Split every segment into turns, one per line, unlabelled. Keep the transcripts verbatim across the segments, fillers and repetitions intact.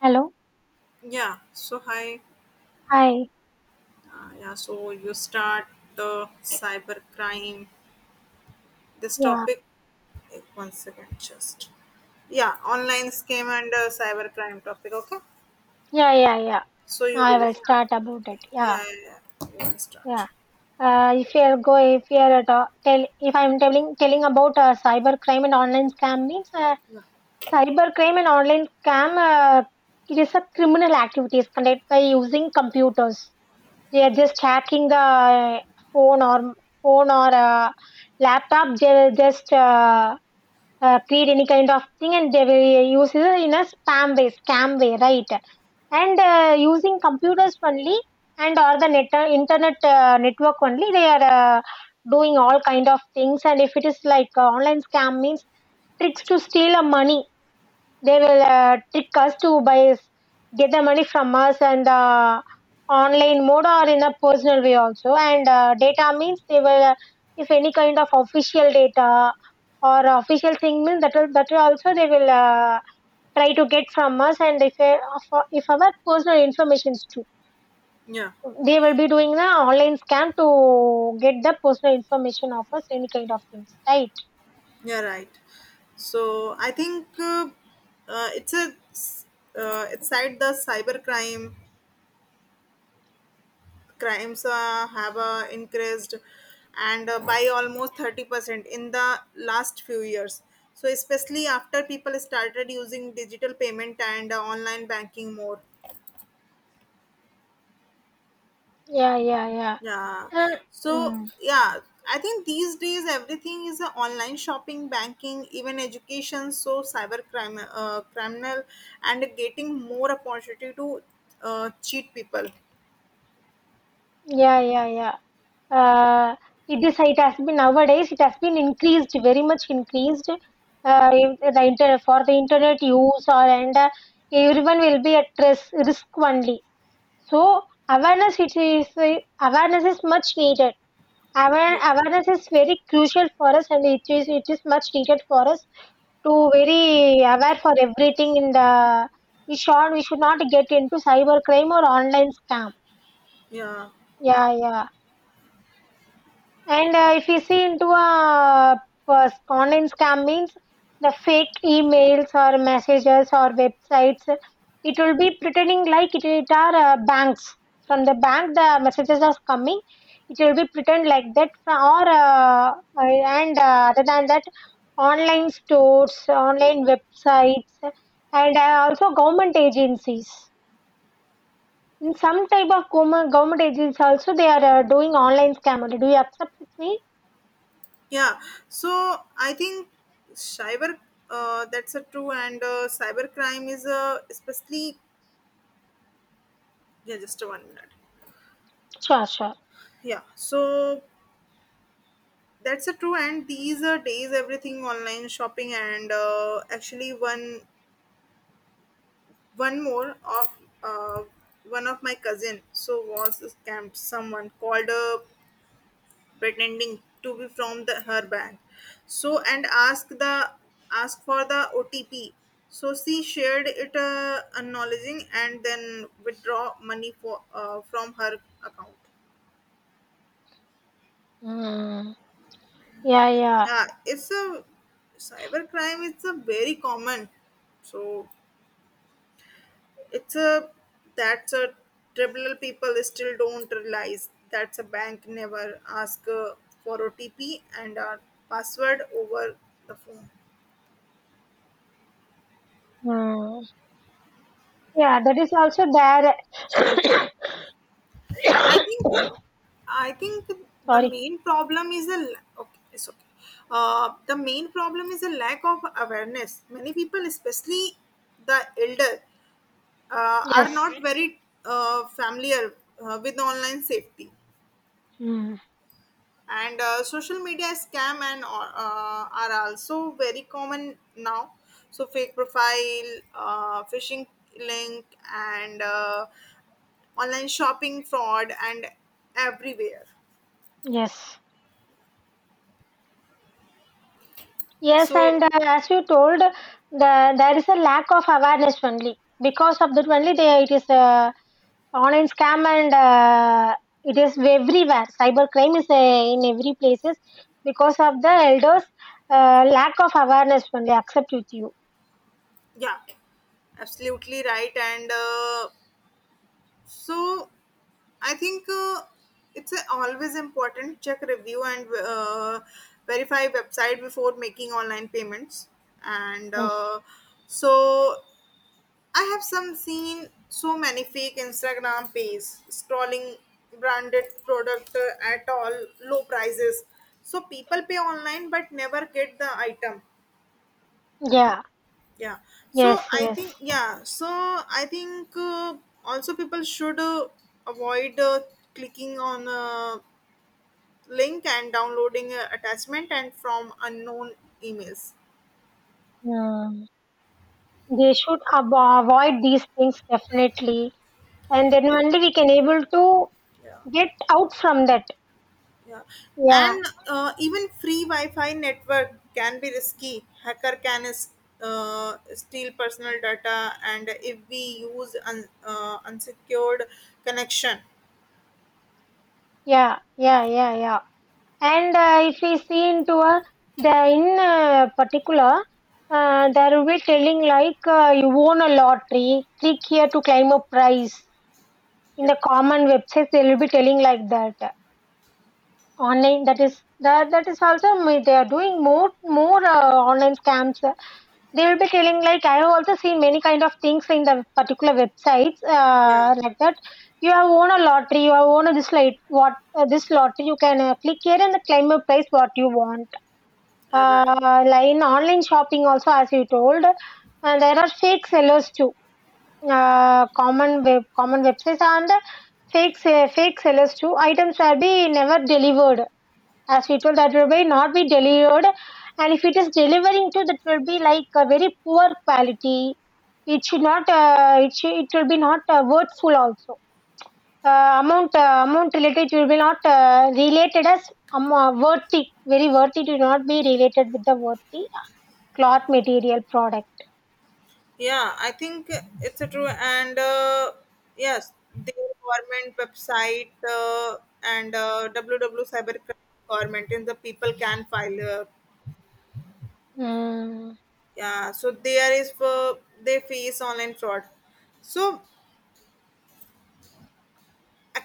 Hello.
Yeah, so hi.
Hi.
Uh, yeah, so you start the cyber crime. This
Yeah.
topic, eh, one second, just. Yeah, online scam and uh, cyber crime topic, okay?
Yeah. Yeah. Yeah.
So you
I
will
will
start.
start about it. Yeah.
Yeah, yeah, yeah. You will
Yeah.
start.
Uh, if you are go, if you are at all, tell, if I'm telling telling about uh, cyber crime and online scam means uh,
Yeah,
cyber crime and online scam. Uh, it is a criminal activities conducted by using computers. They are just hacking the phone or phone or uh, laptop. They are just uh, uh, create any kind of thing and they will use it in a spam way, scam way, right? And uh, using computers only and or the net, uh, internet uh, network only, they are uh, doing all kind of things. And if it is like uh, online scam means tricks to steal a money, they will uh, trick us to buy, get the money from us and uh, online mode or in a personal way also. And uh, data means they will, uh, if any kind of official data or official thing means that will, that will also they will uh, try to get from us. And if uh, of- if our personal information is too,
yeah,
they will be doing the online scam to get the personal information of us, any kind of things, right?
yeah, right. So I think uh, uh, it's a, s- uh, it's side the cyber crime crimes uh, have uh, increased and uh, by almost thirty percent in the last few years, so especially after people started using digital payment and uh, online banking more.
Yeah, yeah, yeah.
Yeah,
Uh,
so
mm.
yeah, I think these days everything is uh, online shopping, banking, even education, so cyber crime, uh, criminal and getting more opportunity to uh, cheat people.
Yeah, yeah, yeah. uh, it is it has been, nowadays it has been increased very much increased. uh, if the inter- For the internet use or, and uh, everyone will be at risk, risk only, so awareness it is uh, awareness is much needed. Aware,
Yeah,
awareness is very crucial for us and it is it is much needed for us to very aware for everything in the, we should we should not get into cyber crime or online scam.
yeah.
Yeah, yeah. And uh, if you see into a uh, online scam means the fake emails or messages or websites, it will be pretending like it, it are uh, banks. From the bank, the messages are coming. It will be pretend like that. Or uh, and uh, other than that, online stores, online websites, and uh, also government agencies. In some type of government government agencies also, they are uh, doing online scam only. Do you accept with me?
Yeah, so I think cyber uh, that's a true, and uh, cyber crime is uh, especially, yeah, just a one minute.
Sure, sure.
Yeah, so that's a true, and these are days everything online shopping, and uh, actually one one more of uh, one of my cousin, so was scammed. Someone called, uh, pretending to be from the, her bank, so and ask the ask for the O T P, so she shared it, uh, acknowledging, and then withdraw money for uh, from her account.
Mm. Yeah, yeah.
Yeah, it's a cyber crime, it's a very common, so it's a, that's a trivial. People still don't realize that's a bank never ask uh, for O T P and a password over the phone.
Mm. Yeah, that is also there.
i think I think the
Sorry.
main problem is a la- okay, it's okay. Uh, the main problem is a lack of awareness. Many people, especially the elder, uh, are
Yes.
not very uh, familiar uh, with online safety,
Mm.
and uh, social media scam, and uh, uh, are also very common now. So fake profile, uh, phishing link, and uh, online shopping fraud, and everywhere.
Yes. Yes,
So
and uh, as you told, the there is a lack of awareness only. Because of that only, they, it is uh, online scam and uh, it is everywhere. Cybercrime is uh, in every places because of the elders' uh, lack of awareness only. Accept with you.
Yeah, absolutely right. And uh, so I think uh, it's a always important check, review, and uh, verify website before making online payments. And
Yes.
uh, so I have some seen so many fake Instagram pages scrolling branded product uh, at all low prices. So people pay online but never get the item.
Yeah.
Yeah, so
Yes.
I think,
Yes.
yeah, so I think uh, also people should uh, avoid uh, clicking on a link and downloading a attachment and from unknown emails.
Mm. They should avo- avoid these things definitely, and then only we can able to
Yeah.
get out from that.
Yeah,
Yeah,
and uh, even free wi-fi network can be risky. Hacker can s- uh, steal personal data and if we use un- uh, unsecured connection.
yeah, yeah, yeah, yeah. And uh, if we see into a the in uh, particular, uh, there will be telling like uh, you won a lottery, click here to claim a prize. In
Yeah.
the common websites, they will be telling like that. Online, that is that that is also, me- they are doing more more uh, online scams. They will be telling like I have also seen many kind of things in the particular websites uh,
Yeah,
like that. You have won a lottery, you have won a this, like what, uh, this lottery, you can uh, click here and claim a price what you want.
uh, right.
Uh, like in online shopping also, as you told, and there are fake sellers too. Uh, common web common websites and fake se- fake sellers too, items will be never delivered, as we told, that will be not be delivered. And if it is delivering to, that will be like a very poor quality. It should not, uh, it, should, it will be not uh, worthful also. Uh, amount, uh, amount related will be not uh, related as, um, uh, worthy, very worthy, to not be related with the worthy cloth material product.
Yeah, I think it's a true. And uh, yes, the government website uh, and uh, www cyber government, and the people can file. Uh,
Mm.
yeah, so there is for they face online fraud. So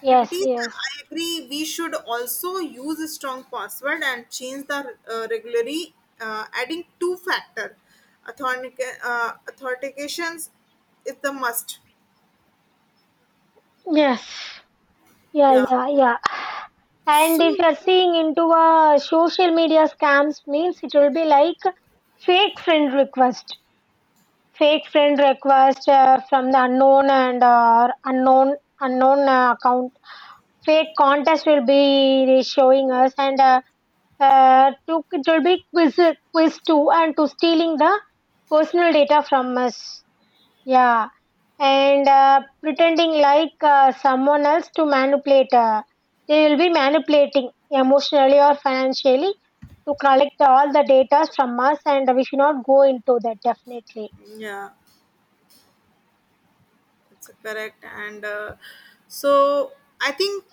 Yes, yes,
I agree. We should also use a strong password and change the uh, regularly, uh, adding two factor authentic- uh, authentications is the must.
yes. Yeah,
Yeah.
yeah, yeah. And if
So,
you're seeing into a social media scams means it will be like fake friend request, fake friend request uh, from the unknown and uh, unknown unknown uh, account. Fake contest will be showing us and uh, uh, to, it will be quiz quiz too and to stealing the personal data from us. Yeah, and uh, pretending like uh, someone else to manipulate. Uh, they will be manipulating emotionally or financially to collect all the data from us, and we should not go into that definitely.
yeah. That's correct. And uh, so I think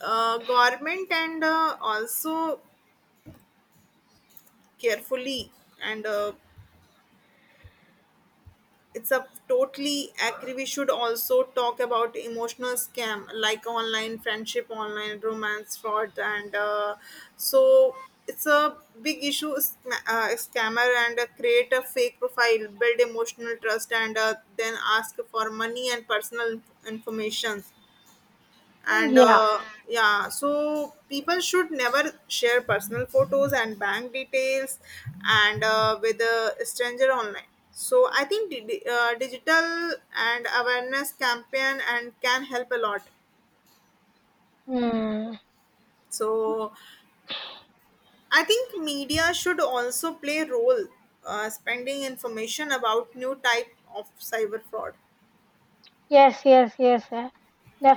uh, government and uh, also carefully, and uh, it's a totally agree. We should also talk about emotional scam like online friendship, online romance, fraud, and uh, so it's a big issue. sc- Uh, scammer and uh, create a fake profile, build emotional trust, and uh, then ask for money and personal information, and
Yeah.
uh, yeah, so people should never share personal photos and bank details, and uh, with a stranger online. So I think di- di- uh, digital and awareness campaign and can help a lot.
Mm.
So I think media should also play a role, uh, spending information about new type of cyber fraud.
Yes, yes, yes, yeah.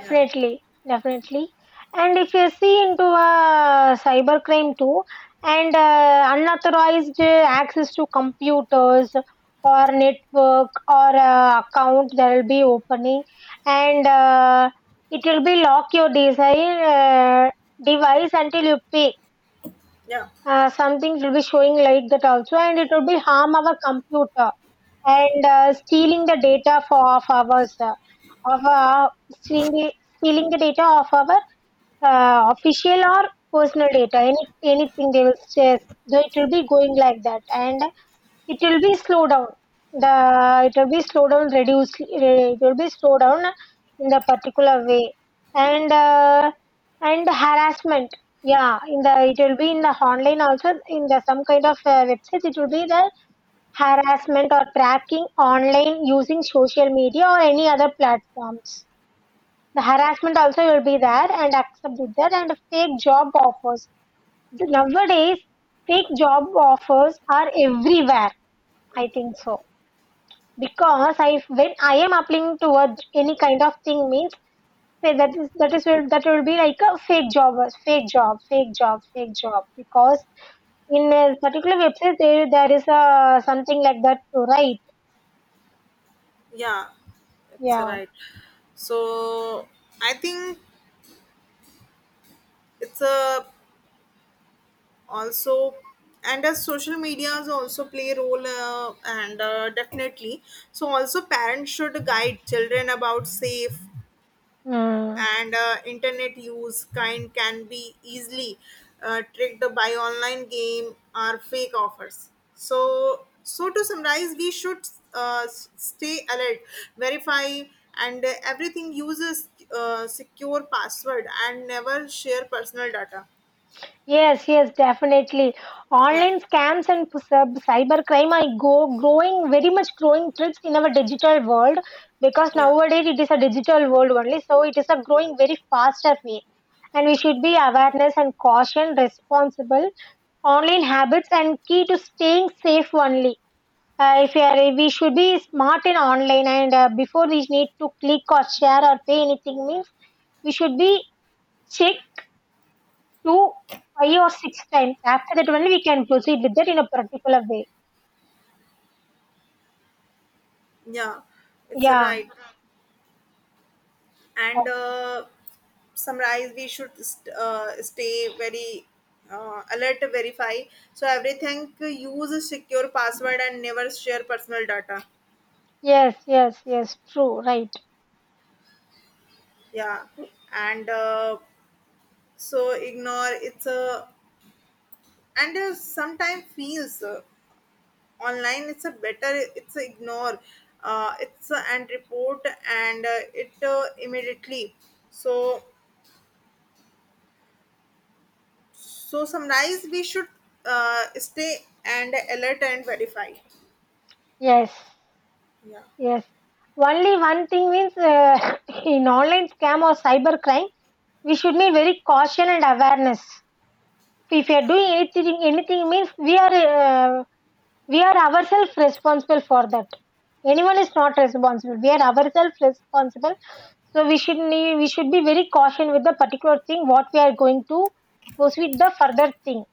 Yeah,
definitely. And if you see into uh, cybercrime too, and uh, unauthorized uh, access to computers or network or uh, account that will be opening, and uh, it will be lock your design, uh, device until you pay.
yeah,
Uh, something will be showing like that also, and it will be harm our computer and uh, stealing the data for of ours uh, of uh, stealing, the, stealing the data of our uh, official or personal data, any anything they will share. So it will be going like that and it will be slow down, the it will be slow down, reduce, it will be slow down in the particular way. And uh, and harassment. Yeah, in the it will be in the online also, in the some kind of uh, websites it will be the. Harassment or tracking online using social media or any other platforms. The harassment also will be there and accepted there, and fake job offers. Nowadays, fake job offers are everywhere. I think so, because I when I am applying towards any kind of thing means, say that is that is will that will be like a fake job, fake job, fake job, fake job, because in a particular website there there is a something like that to write.
yeah, it's
Yeah.
right. So I think it's a also, and as social medias also play a role, uh, and uh, definitely. So also parents should guide children about safe
Hmm.
and uh, internet use. Kind can be easily uh, tricked by online game or fake offers. So, so to summarize, we should uh, s- stay alert, verify, and uh, everything uses uh, secure password and never share personal data.
Yes, yes, definitely.
Yeah,
Online scams and p- cyb- cybercrime are go growing, very much growing threats in our digital world, because
yeah.
nowadays it is a digital world only, so it is a growing very faster way. And we should be awareness and caution, responsible online habits and key to staying safe only. Uh, if we are, we should be smart in online and uh, before we need to click or share or pay anything means we should be check two, five or six times. After that only we can proceed with that in a particular way.
Yeah, it's a
Yeah.
right. And
Okay.
uh, summarize, we should st- uh, stay very uh, alert to verify. So everything use a secure password and never share personal data.
Yes, yes, yes. True. Right.
Yeah, and uh, so ignore, it's a, and uh, sometimes feels uh, online, it's a better, it's a ignore, uh, it's a, and report, and uh, it uh, immediately. So, so summarize, we should uh, stay and alert and verify.
Yes,
Yeah,
yes. Only one thing means uh, in online scam or cyber crime, we should be very caution and awareness. If we are doing anything, anything means we are uh, We are ourselves responsible for that. Anyone is not responsible. We are ourselves responsible. So we should need, we should be very caution with the particular thing what we are going to proceed the further thing.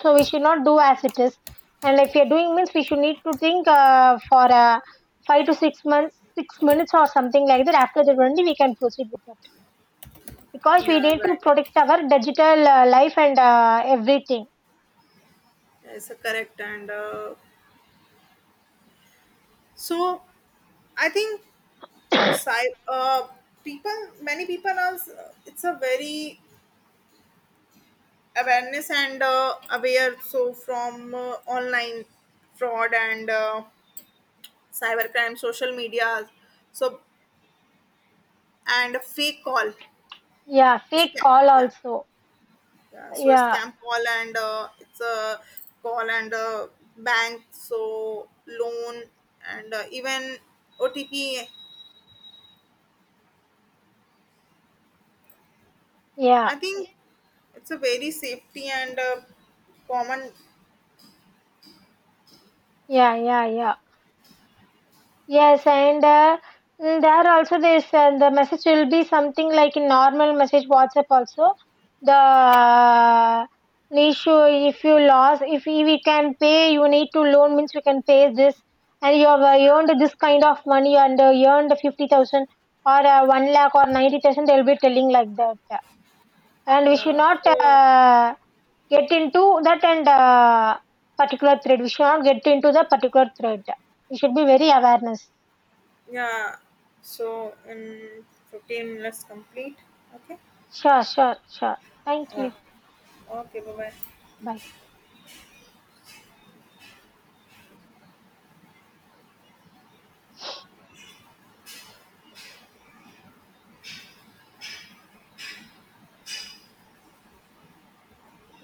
So we should not do as it is. And if we are doing means we should need to think uh, for uh, five to six months, six minutes or something like that. After that only we can proceed with that because we
yeah,
need to
right.
protect our digital uh, life and uh, everything.
Yes, correct. And uh, so I think sci- uh, people, many people are. It's a very awareness and uh, aware. So from uh, online fraud and uh, cybercrime, social media, so and fake call.
Yeah, fake
Scam.
call
Yeah.
also.
Yeah, so a
Yeah,
scam call and uh, it's a call and a bank, so loan and uh, even O T P.
yeah.
I think it's a very safety and uh, common.
Yeah, yeah, yeah. Yes, and uh, mm, there also this uh, the message will be something like a normal message, WhatsApp also. The uh, issue, if you lost, if we we can pay, you need to loan means you can pay this, and you have uh, earned this kind of money and uh, earned fifty thousand or uh, one lakh or ninety thousand. They'll be telling like that, and we should
Yeah,
not
so
uh, get into that and uh, particular thread. We should not get into the particular thread. We should be very awareness.
yeah, so in fifteen minutes complete. Okay.
Sure, sure, sure. Thank
Yeah.
you.
Okay, bye bye.
Bye.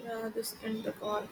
Yeah, just end the call.